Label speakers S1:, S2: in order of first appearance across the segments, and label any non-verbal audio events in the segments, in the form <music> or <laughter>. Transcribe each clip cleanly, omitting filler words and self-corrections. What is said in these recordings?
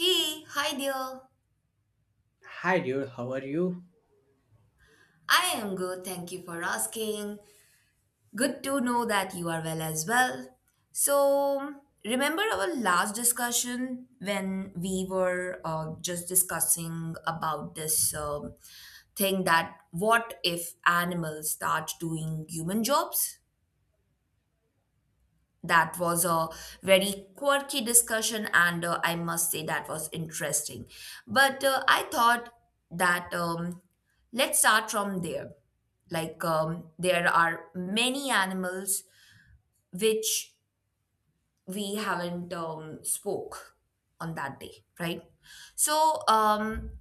S1: Hey, hi dear.
S2: Hi dude, how are you?
S1: I am good, thank you for asking. Good to know that you are well as well. So, remember our last discussion when we were just discussing about this thing, that what if animals start doing human jobs? That was a very quirky discussion, and I must say that was interesting. But I thought that let's start from there. Like, there are many animals which we haven't spoke on that day, right? So,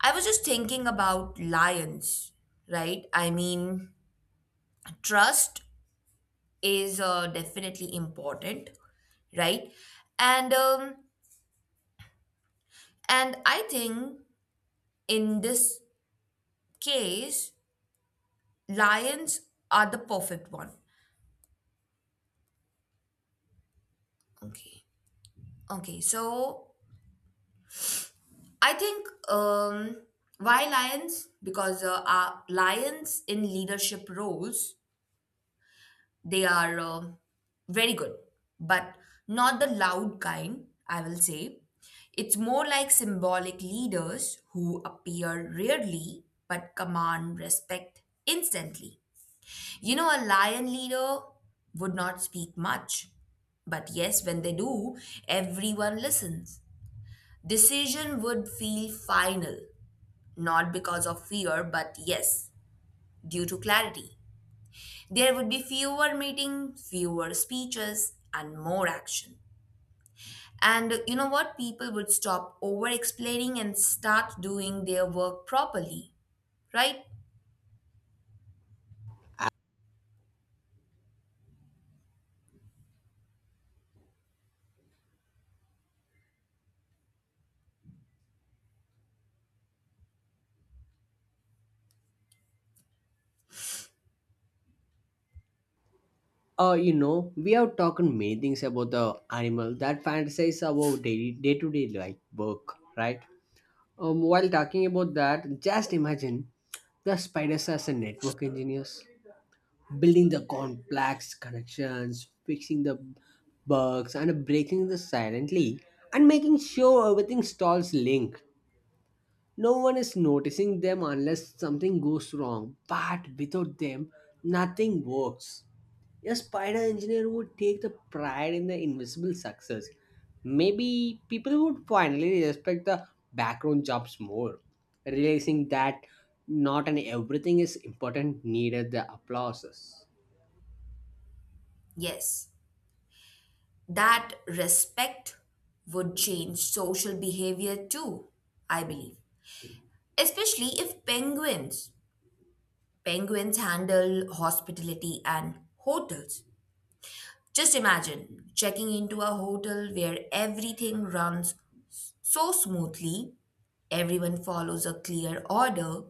S1: I was just thinking about lions, right? I mean, trust is definitely important, right? And um, And I think in this case, lions are the perfect one. Okay. Okay. So I think, why lions? Because our lions in leadership roles, they are very good, but not the loud kind, I will say. It's more like symbolic leaders who appear rarely but command respect instantly. You know, a lion leader would not speak much. But yes, when they do, everyone listens. Decision would feel final, not because of fear, but yes, due to clarity. There would be fewer meetings, fewer speeches, and more action. And you know what? People would stop over explaining and start doing their work properly, right?
S2: We have talked many things about the animal that fantasize about daily day-to-day like work, right? While talking about that, just imagine the spiders as a network engineers, building the complex connections, fixing the bugs, and breaking the silently, and making sure everything stalls link. No one is noticing them unless something goes wrong, but without them, nothing works. A spider engineer would take the pride in the invisible success. Maybe people would finally respect the background jobs more, realizing that not an everything is important needed the applauses.
S1: Yes. That respect would change social behavior too, I believe. Especially if penguins handle hospitality and hotels. Just imagine checking into a hotel where everything runs so smoothly, everyone follows a clear order,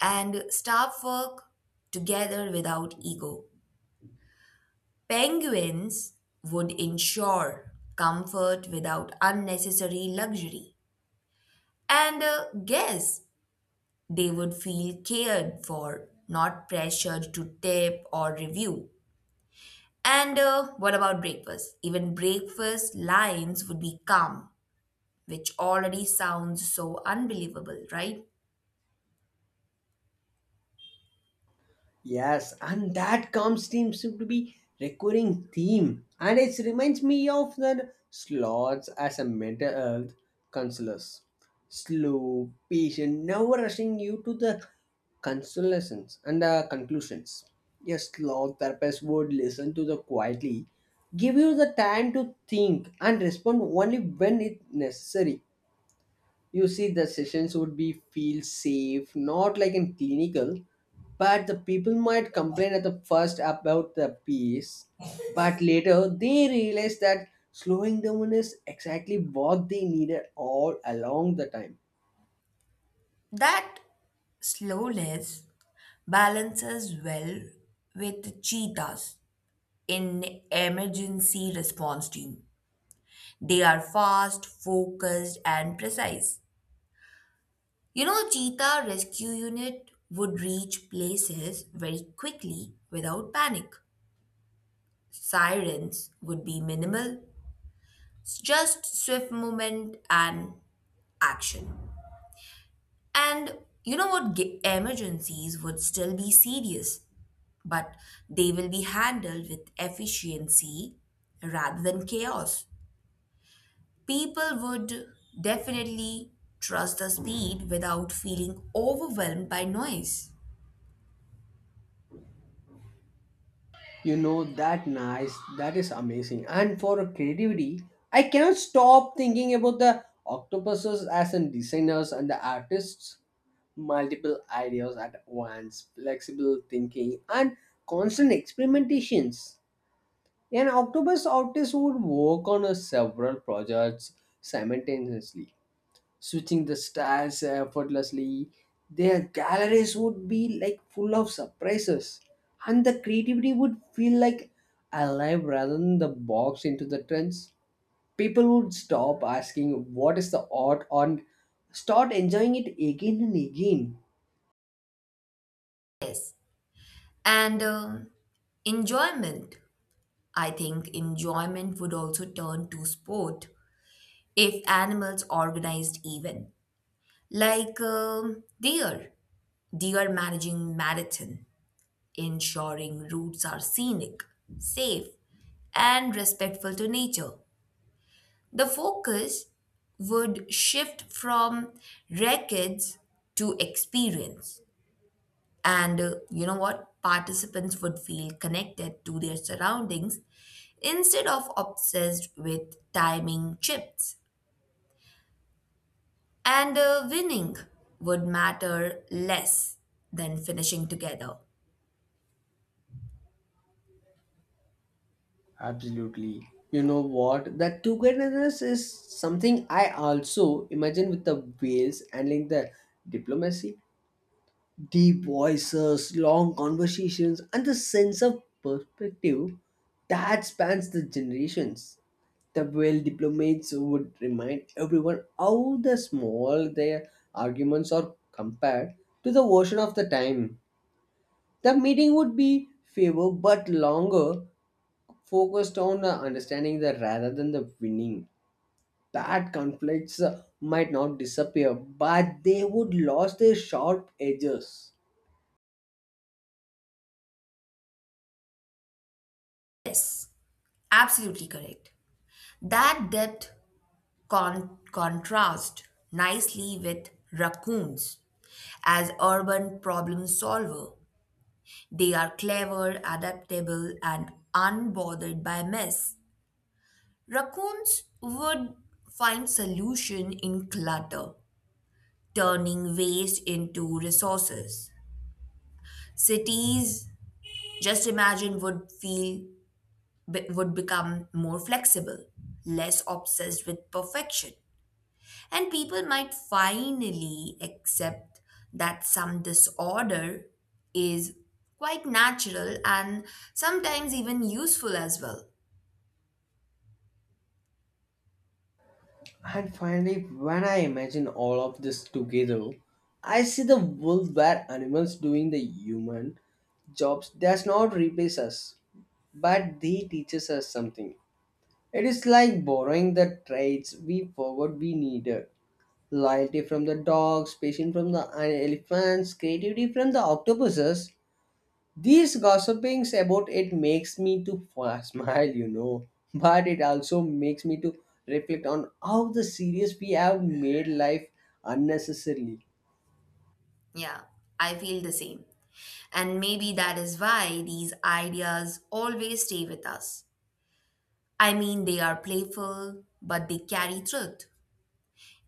S1: and staff work together without ego. Penguins would ensure comfort without unnecessary luxury. And guess they would feel cared for, not pressured to tip or review. And what about breakfast? Even breakfast lines would be calm, which already sounds so unbelievable, right?
S2: Yes, and that calm steam seems to be recurring theme, and it reminds me of the sloths as a mental health counselors. Slow, patient, never rushing you to the consolations and conclusions. Yes, sloth therapist would listen to the quietly, give you the time to think and respond only when it necessary. You see the sessions would be feel safe not like in clinical, but the people might complain at the first about the pace, but later they realize that slowing down is exactly what they needed all along the time.
S1: That slowness balances well with cheetahs in emergency response team. They are fast, focused, and precise. You know, cheetah rescue unit would reach places very quickly without panic. Sirens would be minimal, just swift movement and action. And you know what? Emergencies would still be serious, but they will be handled with efficiency rather than chaos. People would definitely trust the speed without feeling overwhelmed by noise.
S2: You know that nice. That is amazing. And for creativity, I cannot stop thinking about the octopuses as in designers and the artists. Multiple ideas at once, flexible thinking, and constant experimentations. An octopus artist would work on a several projects simultaneously switching the stars effortlessly. Their galleries would be like full of surprises, and the creativity would feel like alive rather than the box into the trends. People would stop asking what is the art and start enjoying it again and again.
S1: And Enjoyment. I think enjoyment would also turn to sport if animals organized even, like, deer managing marathon, ensuring routes are scenic, safe, and respectful to nature. The focus would shift from records to experience. And you know what? Participants would feel connected to their surroundings instead of obsessed with timing chips. And winning would matter less than finishing together.
S2: Absolutely. You know what? That togetherness is something I also imagine with the whales handling the diplomacy, deep voices, long conversations, and the sense of perspective that spans the generations. The well diplomats would remind everyone how the small their arguments are compared to the version of the time. The meeting would be fewer but longer, focused on understanding the rather than the winning. Bad conflicts might not disappear, but they would lose their sharp edges.
S1: Yes, absolutely correct. That depth contrast nicely with raccoons. As urban problem solver, they are clever, adaptable, and unbothered by mess. Raccoons would find solution in clutter, turning waste into resources. Cities, just imagine, would would become more flexible, less obsessed with perfection, and people might finally accept that some disorder is quite natural and sometimes even useful as well.
S2: And finally, when I imagine all of this together, I see the world where animals doing the human jobs does not replace us, but they teaches us something. It is like borrowing the traits we forgot we needed. Loyalty from the dogs, patience from the elephants, creativity from the octopuses, these gossipings about it makes me to <laughs> smile, you know, but it also makes me to reflect on how the serious we have made life unnecessarily.
S1: Yeah, I feel the same. And maybe that is why these ideas always stay with us. I mean, they are playful, but they carry truth.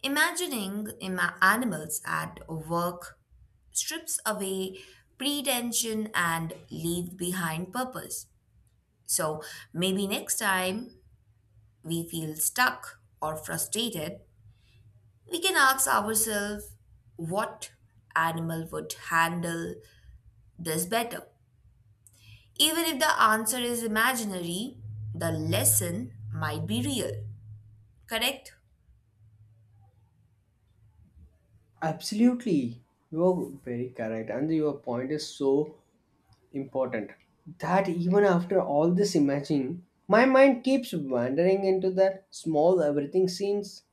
S1: Imagining animals at work strips away pretension and leaves behind purpose. So maybe next time we feel stuck or frustrated, we can ask ourselves what animal would handle this better. Even if the answer is imaginary, the lesson might be real. Correct?
S2: Absolutely, you are very correct, and your point is so important that even after all this imagining, my mind keeps wandering into that small everything scenes.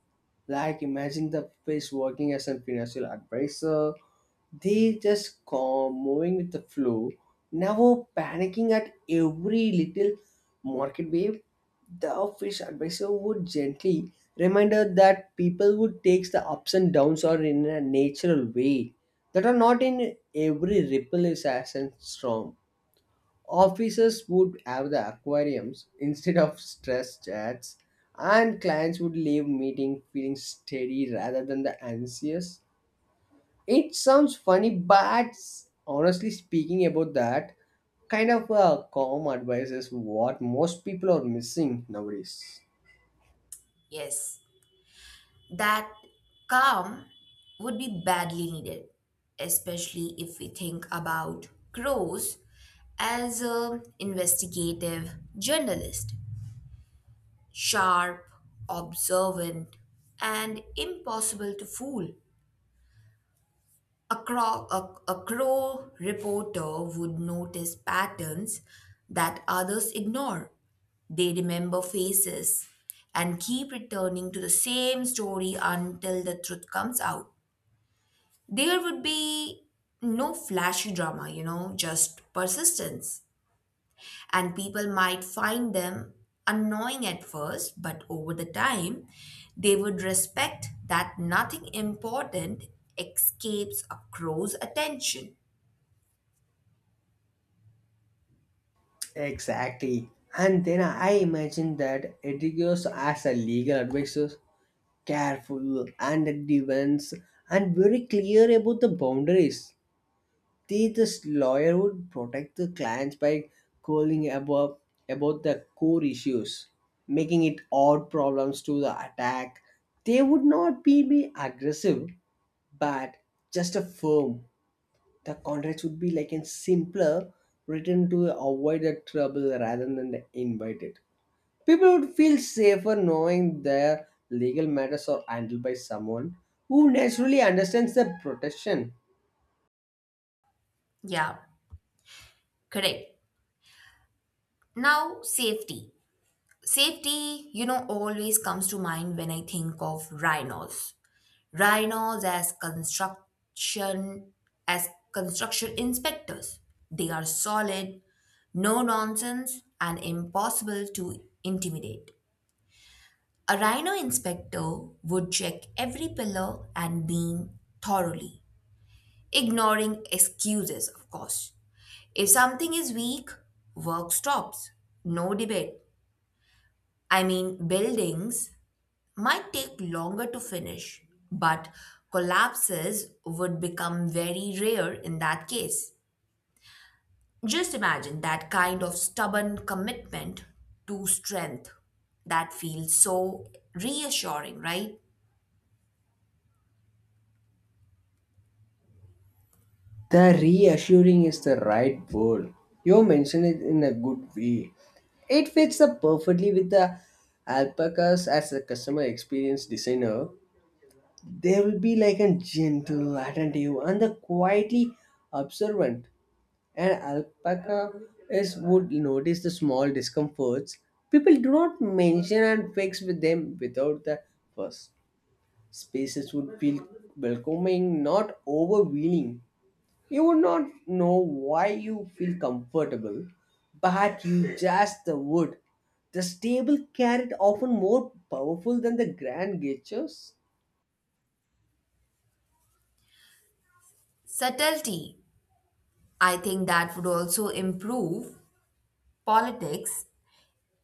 S2: Like imagine the face working as a financial advisor, they just calm, moving with the flow, never panicking at every little market wave. The fish advisor would gently remind her that people would take the ups and downs are in a natural way that are not in every ripple is as and storm. Offices would have the aquariums instead of stress chats, and clients would leave meeting feeling steady rather than the anxious. It sounds funny, but honestly speaking about that, kind of calm advice is what most people are missing nowadays.
S1: Yes. That calm would be badly needed, especially if we think about crows as an investigative journalist, sharp, observant, and impossible to fool. A crow reporter would notice patterns that others ignore. They remember faces and keep returning to the same story until the truth comes out. There would be no flashy drama, you know, just persistence. And people might find them annoying at first, but over the time, they would respect that nothing important escapes a crow's attention.
S2: Exactly. And then I imagine that Edrigos as a legal advisor, careful and advanced and very clear about the boundaries. They this lawyer would protect the clients by calling about the core issues, making it odd problems to the attack. They would not be aggressive, but just a firm. The contracts would be like a simpler, written to avoid the trouble rather than invite it. People would feel safer knowing their legal matters are handled by someone who naturally understands the protection.
S1: Yeah, correct. Now, safety. Safety, you know, always comes to mind when I think of rhinos. Rhinos as construction inspectors. They are solid, no nonsense, and impossible to intimidate. A rhino inspector would check every pillar and beam thoroughly, ignoring excuses, of course. If something is weak, work stops. No debate. I mean, buildings might take longer to finish, but collapses would become very rare in that case. Just imagine that kind of stubborn commitment to strength that feels so reassuring, right?
S2: The reassuring is the right word. You mentioned it in a good way. It fits up perfectly with the alpacas as a customer experience designer. They will be like a gentle, attentive, and the quietly observant. An alpaca is would notice the small discomforts. People do not mention and fix with them without the first. Spaces would feel welcoming, not overwhelming. You would not know why you feel comfortable, but you just would. The stable carrot often more powerful than the grand gestures.
S1: Subtlety. I think that would also improve politics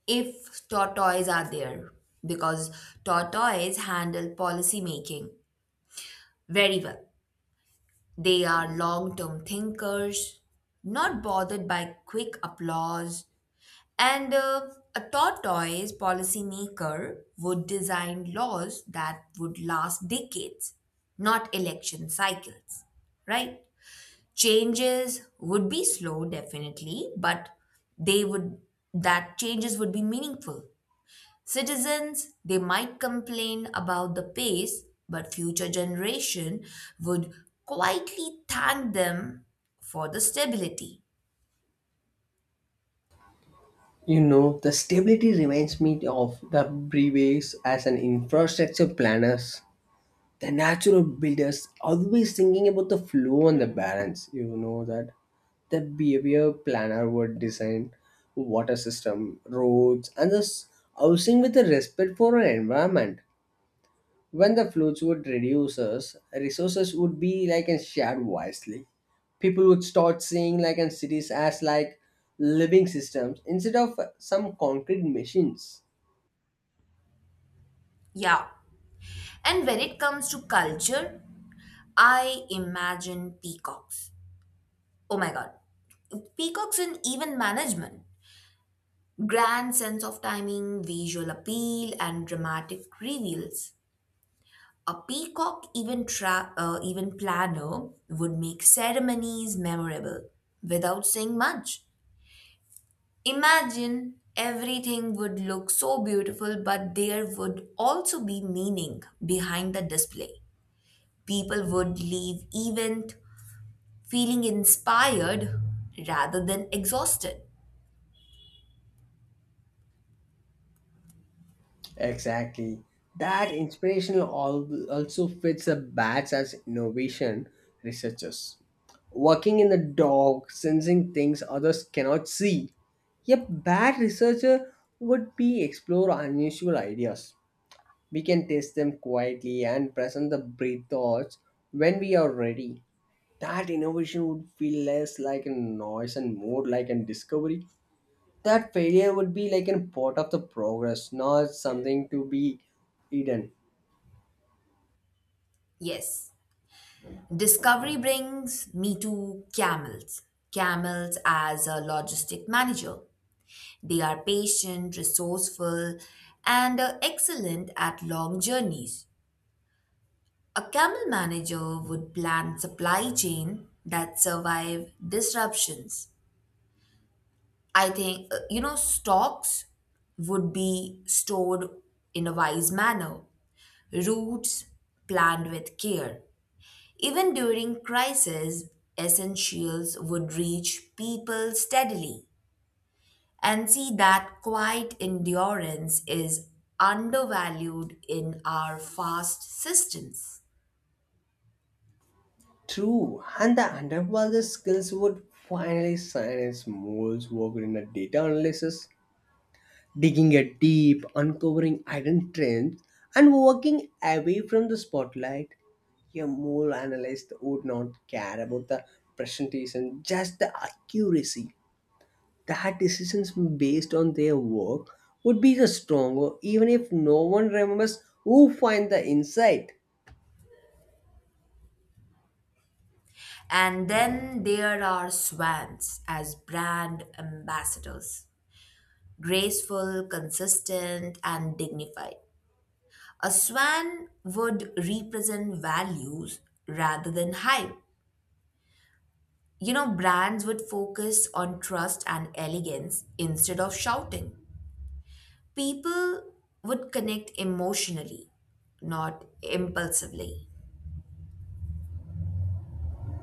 S1: if tortoise are there because tortoise handle policy making very well. They are long term thinkers, not bothered by quick applause. And a tortoise policymaker would design laws that would last decades, not election cycles, right? Changes would be slow, definitely, but they would that changes would be meaningful. Citizens, they might complain about the pace, but future generation would quietly thank them for the stability.
S2: You know, the stability reminds me of the brewaries as an infrastructure planners. The natural builders always thinking about the flow and the balance. You know that the behavior planner would design water system, roads, and the housing with a respect for our environment. When the flood would reduces, resources would be like and shared wisely. People would start seeing like and cities as like living systems instead of some concrete machines.
S1: Yeah. And when it comes to culture, I imagine peacocks. Oh my god. Peacocks in even management. Grand sense of timing, visual appeal, and dramatic reveals. A peacock even planner would make ceremonies memorable without saying much. Imagine everything would look so beautiful, but there would also be meaning behind the display. People would leave event feeling inspired rather than exhausted.
S2: Exactly. That inspirational also fits the bats as innovation researchers. Working in the dark, sensing things others cannot see. A bat researcher would be explore unusual ideas. We can taste them quietly and present the breed thoughts when we are ready. That innovation would feel less like a noise and more like a discovery. That failure would be like a part of the progress, not something to be hidden.
S1: Yes, discovery brings me to camels. Camels as a logistic manager. They are patient, resourceful, and excellent at long journeys. A camel manager would plan supply chain that survive disruptions. I think, you know, stocks would be stored in a wise manner, routes planned with care. Even during crisis, essentials would reach people steadily. And see that quiet endurance is undervalued in our fast systems.
S2: True, and the underwater skills would finally sign its molds work in the data analysis, digging a deep, uncovering hidden trends, and walking away from the spotlight. A mole analyst would not care about the presentation, just the accuracy. That decisions based on their work would be the stronger, even if no one remembers who find the insight.
S1: And then there are swans as brand ambassadors, graceful, consistent, and dignified. A swan would represent values rather than hype. You know, brands would focus on trust and elegance instead of shouting. People would connect emotionally, not impulsively.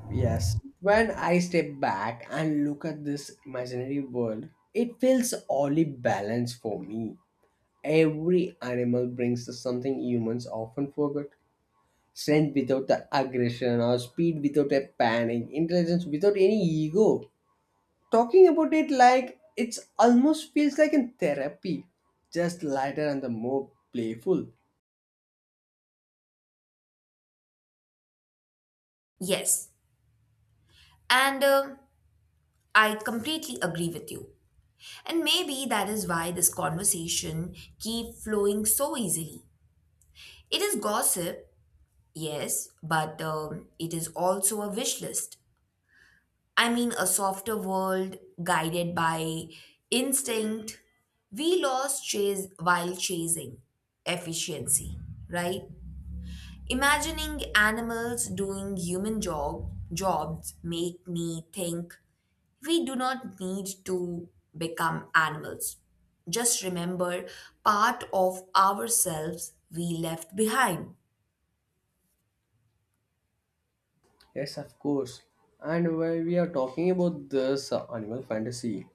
S2: Yes, when I step back and look at this imaginary world, it feels oddly balanced for me. Every animal brings us something humans often forget. Strength without the aggression or speed without a panic, intelligence without any ego. Talking about it like it's almost feels like in therapy, just lighter and the more playful.
S1: Yes, and I completely agree with you. And maybe that is why this conversation keep flowing so easily. It is gossip, yes, but it is also a wish list. I mean, a softer world guided by instinct. We lost chase while chasing efficiency, right? Imagining animals doing human job jobs make me think. We do not need to become animals. Just remember part of ourselves we left behind.
S2: Yes, of course. And while we are talking about this animal fantasy,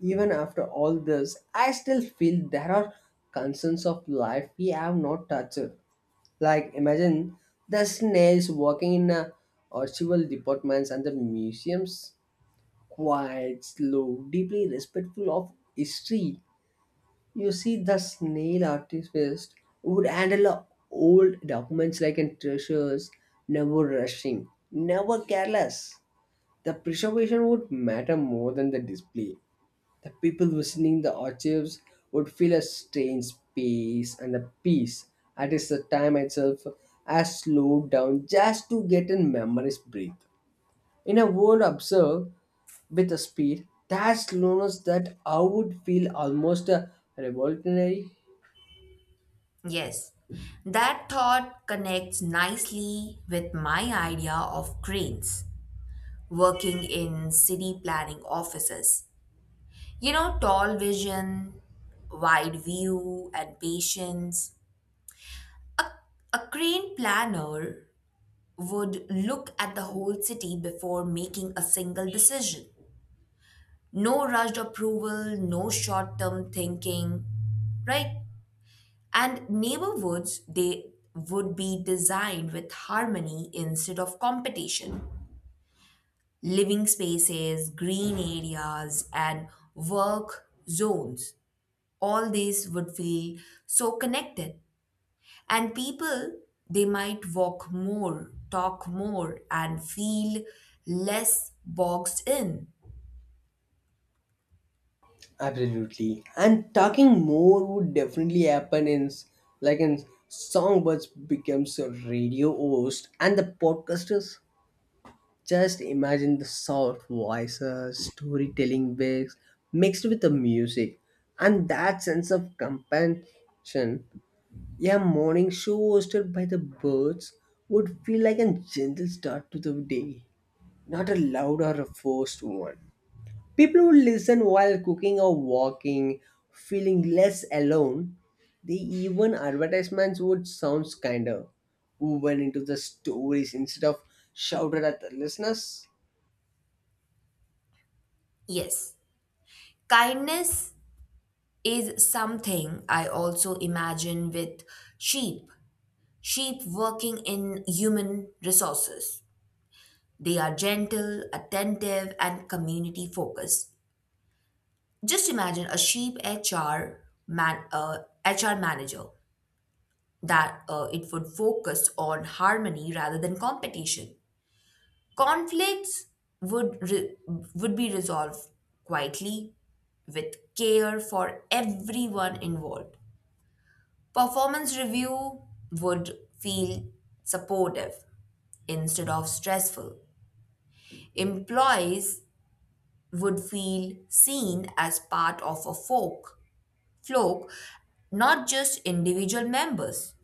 S2: even after all this, I still feel there are concerns of life we have not touched. Like imagine the snails walking in a archival departments and the museums, quiet, slow, deeply respectful of history. You see, the snail artist would handle old documents like in treasures, never rushing, never careless. The preservation would matter more than the display. The people visiting the archives would feel a strange peace and the peace. At least the time itself has slowed down just to get in memory's breath. In a world observed with a speed, that slowness that I would feel almost a revolutionary.
S1: Yes, that thought connects nicely with my idea of cranes working in city planning offices. You know, tall vision, wide view, and patience. A crane planner would look at the whole city before making a single decision. No rushed approval, no short term thinking, right? And neighborhoods, they would be designed with harmony instead of competition. Living spaces, green areas, and work zones, all these would feel so connected. And people, they might walk more, talk more, and feel less boxed in.
S2: Absolutely. And talking more would definitely happen in like in songbirds becomes a radio host and the podcasters. Just imagine the soft voices, storytelling waves mixed with the music, and that sense of compassion. A morning show hosted by the birds would feel like a gentle start to the day, not a loud or a forced one. People who listen while cooking or walking, feeling less alone, the even advertisements would sound kinder woven into the stories instead of shouted at the listeners.
S1: Yes, kindness is something I also imagine with sheep. Sheep working in human resources. They are gentle, attentive, and community focused. Just imagine a sheep HR manager, that it would focus on harmony rather than competition. Conflicts would re- would be resolved quietly with care for everyone involved. Performance review would feel supportive instead of stressful. Employees would feel seen as part of a flock, not just individual members.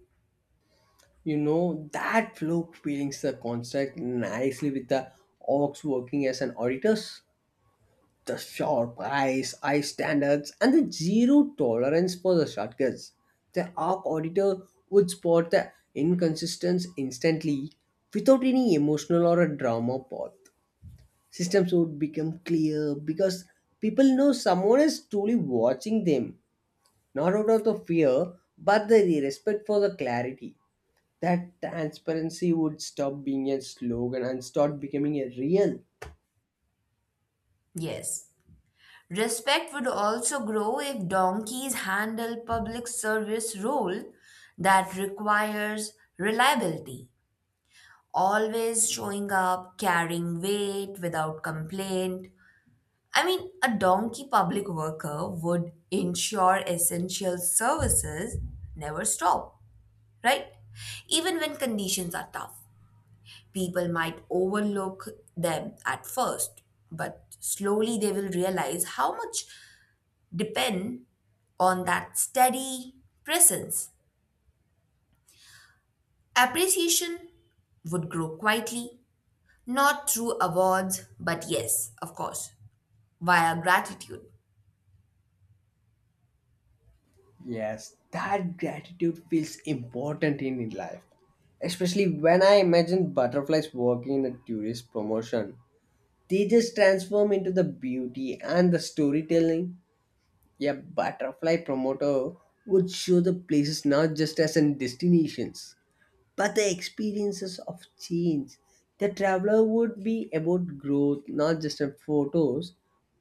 S2: You know, that flow feelings the construct nicely with the orcs working as an auditors. The sharp eyes, eye standards, and the zero tolerance for the shortcuts. The arc auditor would spot the inconsistency instantly without any emotional or a drama path. Systems would become clear because people know someone is truly watching them, not out of the fear, but the respect for the clarity that transparency would stop being a slogan and start becoming a real.
S1: Yes. Respect would also grow if donkeys handle public service role that requires reliability, always showing up, carrying weight without complaint. I mean, a donkey public worker would ensure essential services never stop, right? Even when conditions are tough. People might overlook them at first, but slowly they will realize how much depend on that steady presence. Appreciation would grow quietly, not through awards, but yes, of course, via gratitude.
S2: Yes, that gratitude feels important in life. Especially when I imagine butterflies working in a tourist promotion. They just transform into the beauty and the storytelling. A butterfly promoter would show the places not just as in destinations, but the experiences of change. The traveler would be about growth, not just in photos.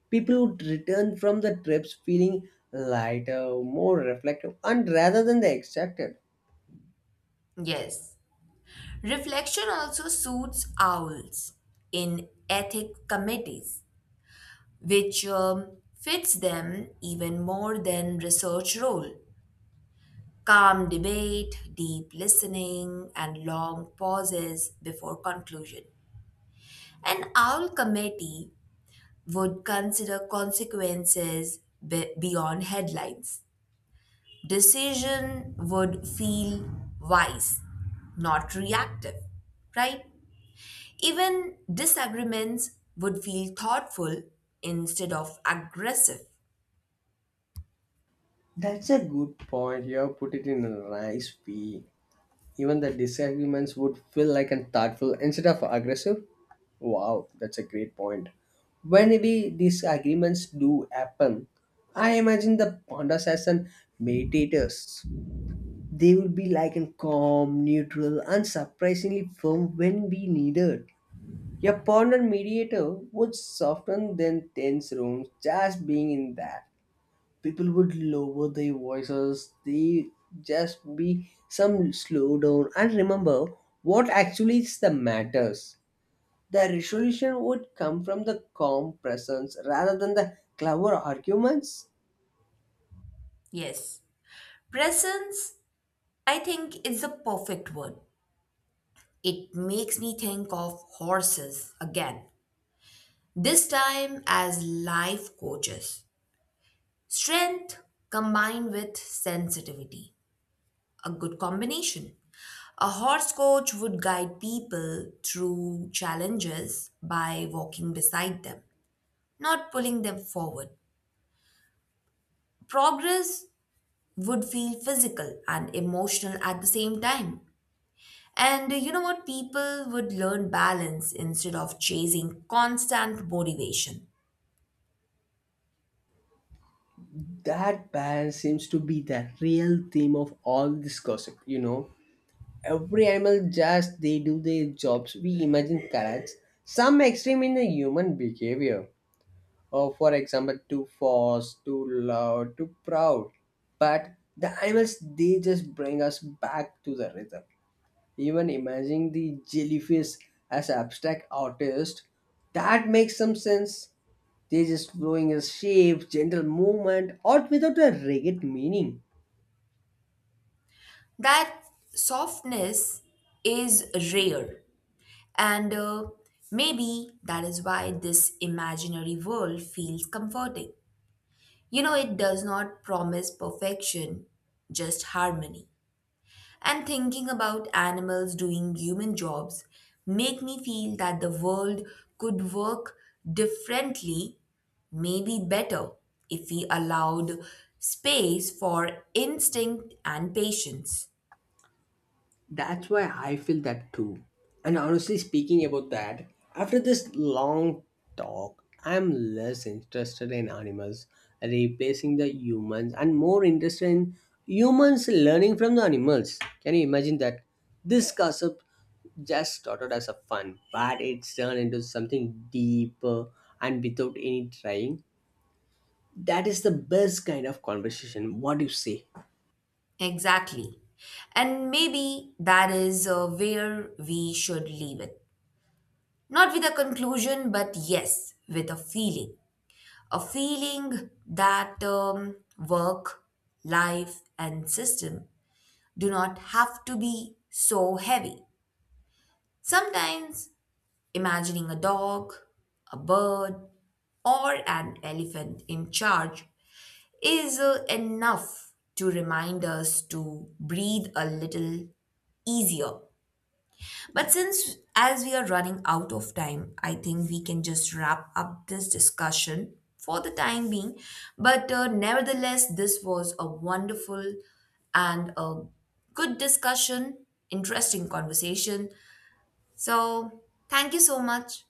S2: People would return from the trips feeling lighter, more reflective, and rather than the extracted.
S1: Yes, reflection also suits owls in ethic committees, which fits them even more than research role. Calm debate, deep listening, and long pauses before conclusion. An owl committee would consider consequences beyond headlines. Decision would feel wise, not reactive, right? Even disagreements would feel thoughtful instead of aggressive.
S2: That's a good point. You have put it in a nice way. Even the disagreements would feel like and thoughtful instead of aggressive. Wow, that's a great point. Whenever these agreements do happen, I imagine the pandas as an meditators. They would be like in calm, neutral, and surprisingly firm when we needed. A ponder mediator would soften then tense rooms just being in that people would lower their voices. They just be some slow down and remember what actually is the matters. The resolution would come from the calm presence rather than the clever arguments.
S1: Yes. Presence, I think, is the perfect word. It makes me think of horses again, this time as life coaches. Strength combined with sensitivity, a good combination. A horse coach would guide people through challenges by walking beside them, not pulling them forward. Progress would feel physical and emotional at the same time. And you know what? People would learn balance instead of chasing constant motivation.
S2: That balance seems to be the real theme of all this gossip. You know, every animal just they do their jobs we imagine carrots, some extreme in the human behavior, for example too fast too loud too proud, but the animals they just bring us back to the rhythm, even imagining the jellyfish as abstract artist. That makes some sense. They just flowing a shape gentle movement or without a rigid meaning.
S1: That softness is rare, and maybe that is why this imaginary world feels comforting. You know, it does not promise perfection, just harmony. And thinking about animals doing human jobs make me feel that the world could work differently, maybe better, if we allowed space for instinct and patience.
S2: That's why I feel that too. And honestly speaking about that, after this long talk, I'm less interested in animals replacing the humans and more interested in humans learning from the animals. Can you imagine that? This gossip just started as a fun, but it's turned into something deeper and without any trying. That is the best kind of conversation. What do you say?
S1: Exactly. And maybe that is where we should leave it, not with a conclusion but yes with a feeling, a feeling that, work life and system do not have to be so heavy. Sometimes imagining a dog, a bird, or an elephant in charge is enough to remind us to breathe a little easier. But since, as we are running out of time, I think we can just wrap up this discussion for the time being. But nevertheless, this was a wonderful and a good discussion, interesting conversation. So, thank you so much.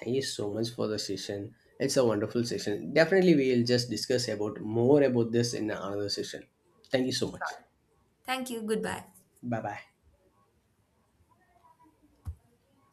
S2: Thank you so much for the session. It's a wonderful session. Definitely, we will just discuss about more about this in another session. Thank you so much.
S1: Thank you. Goodbye.
S2: Bye bye.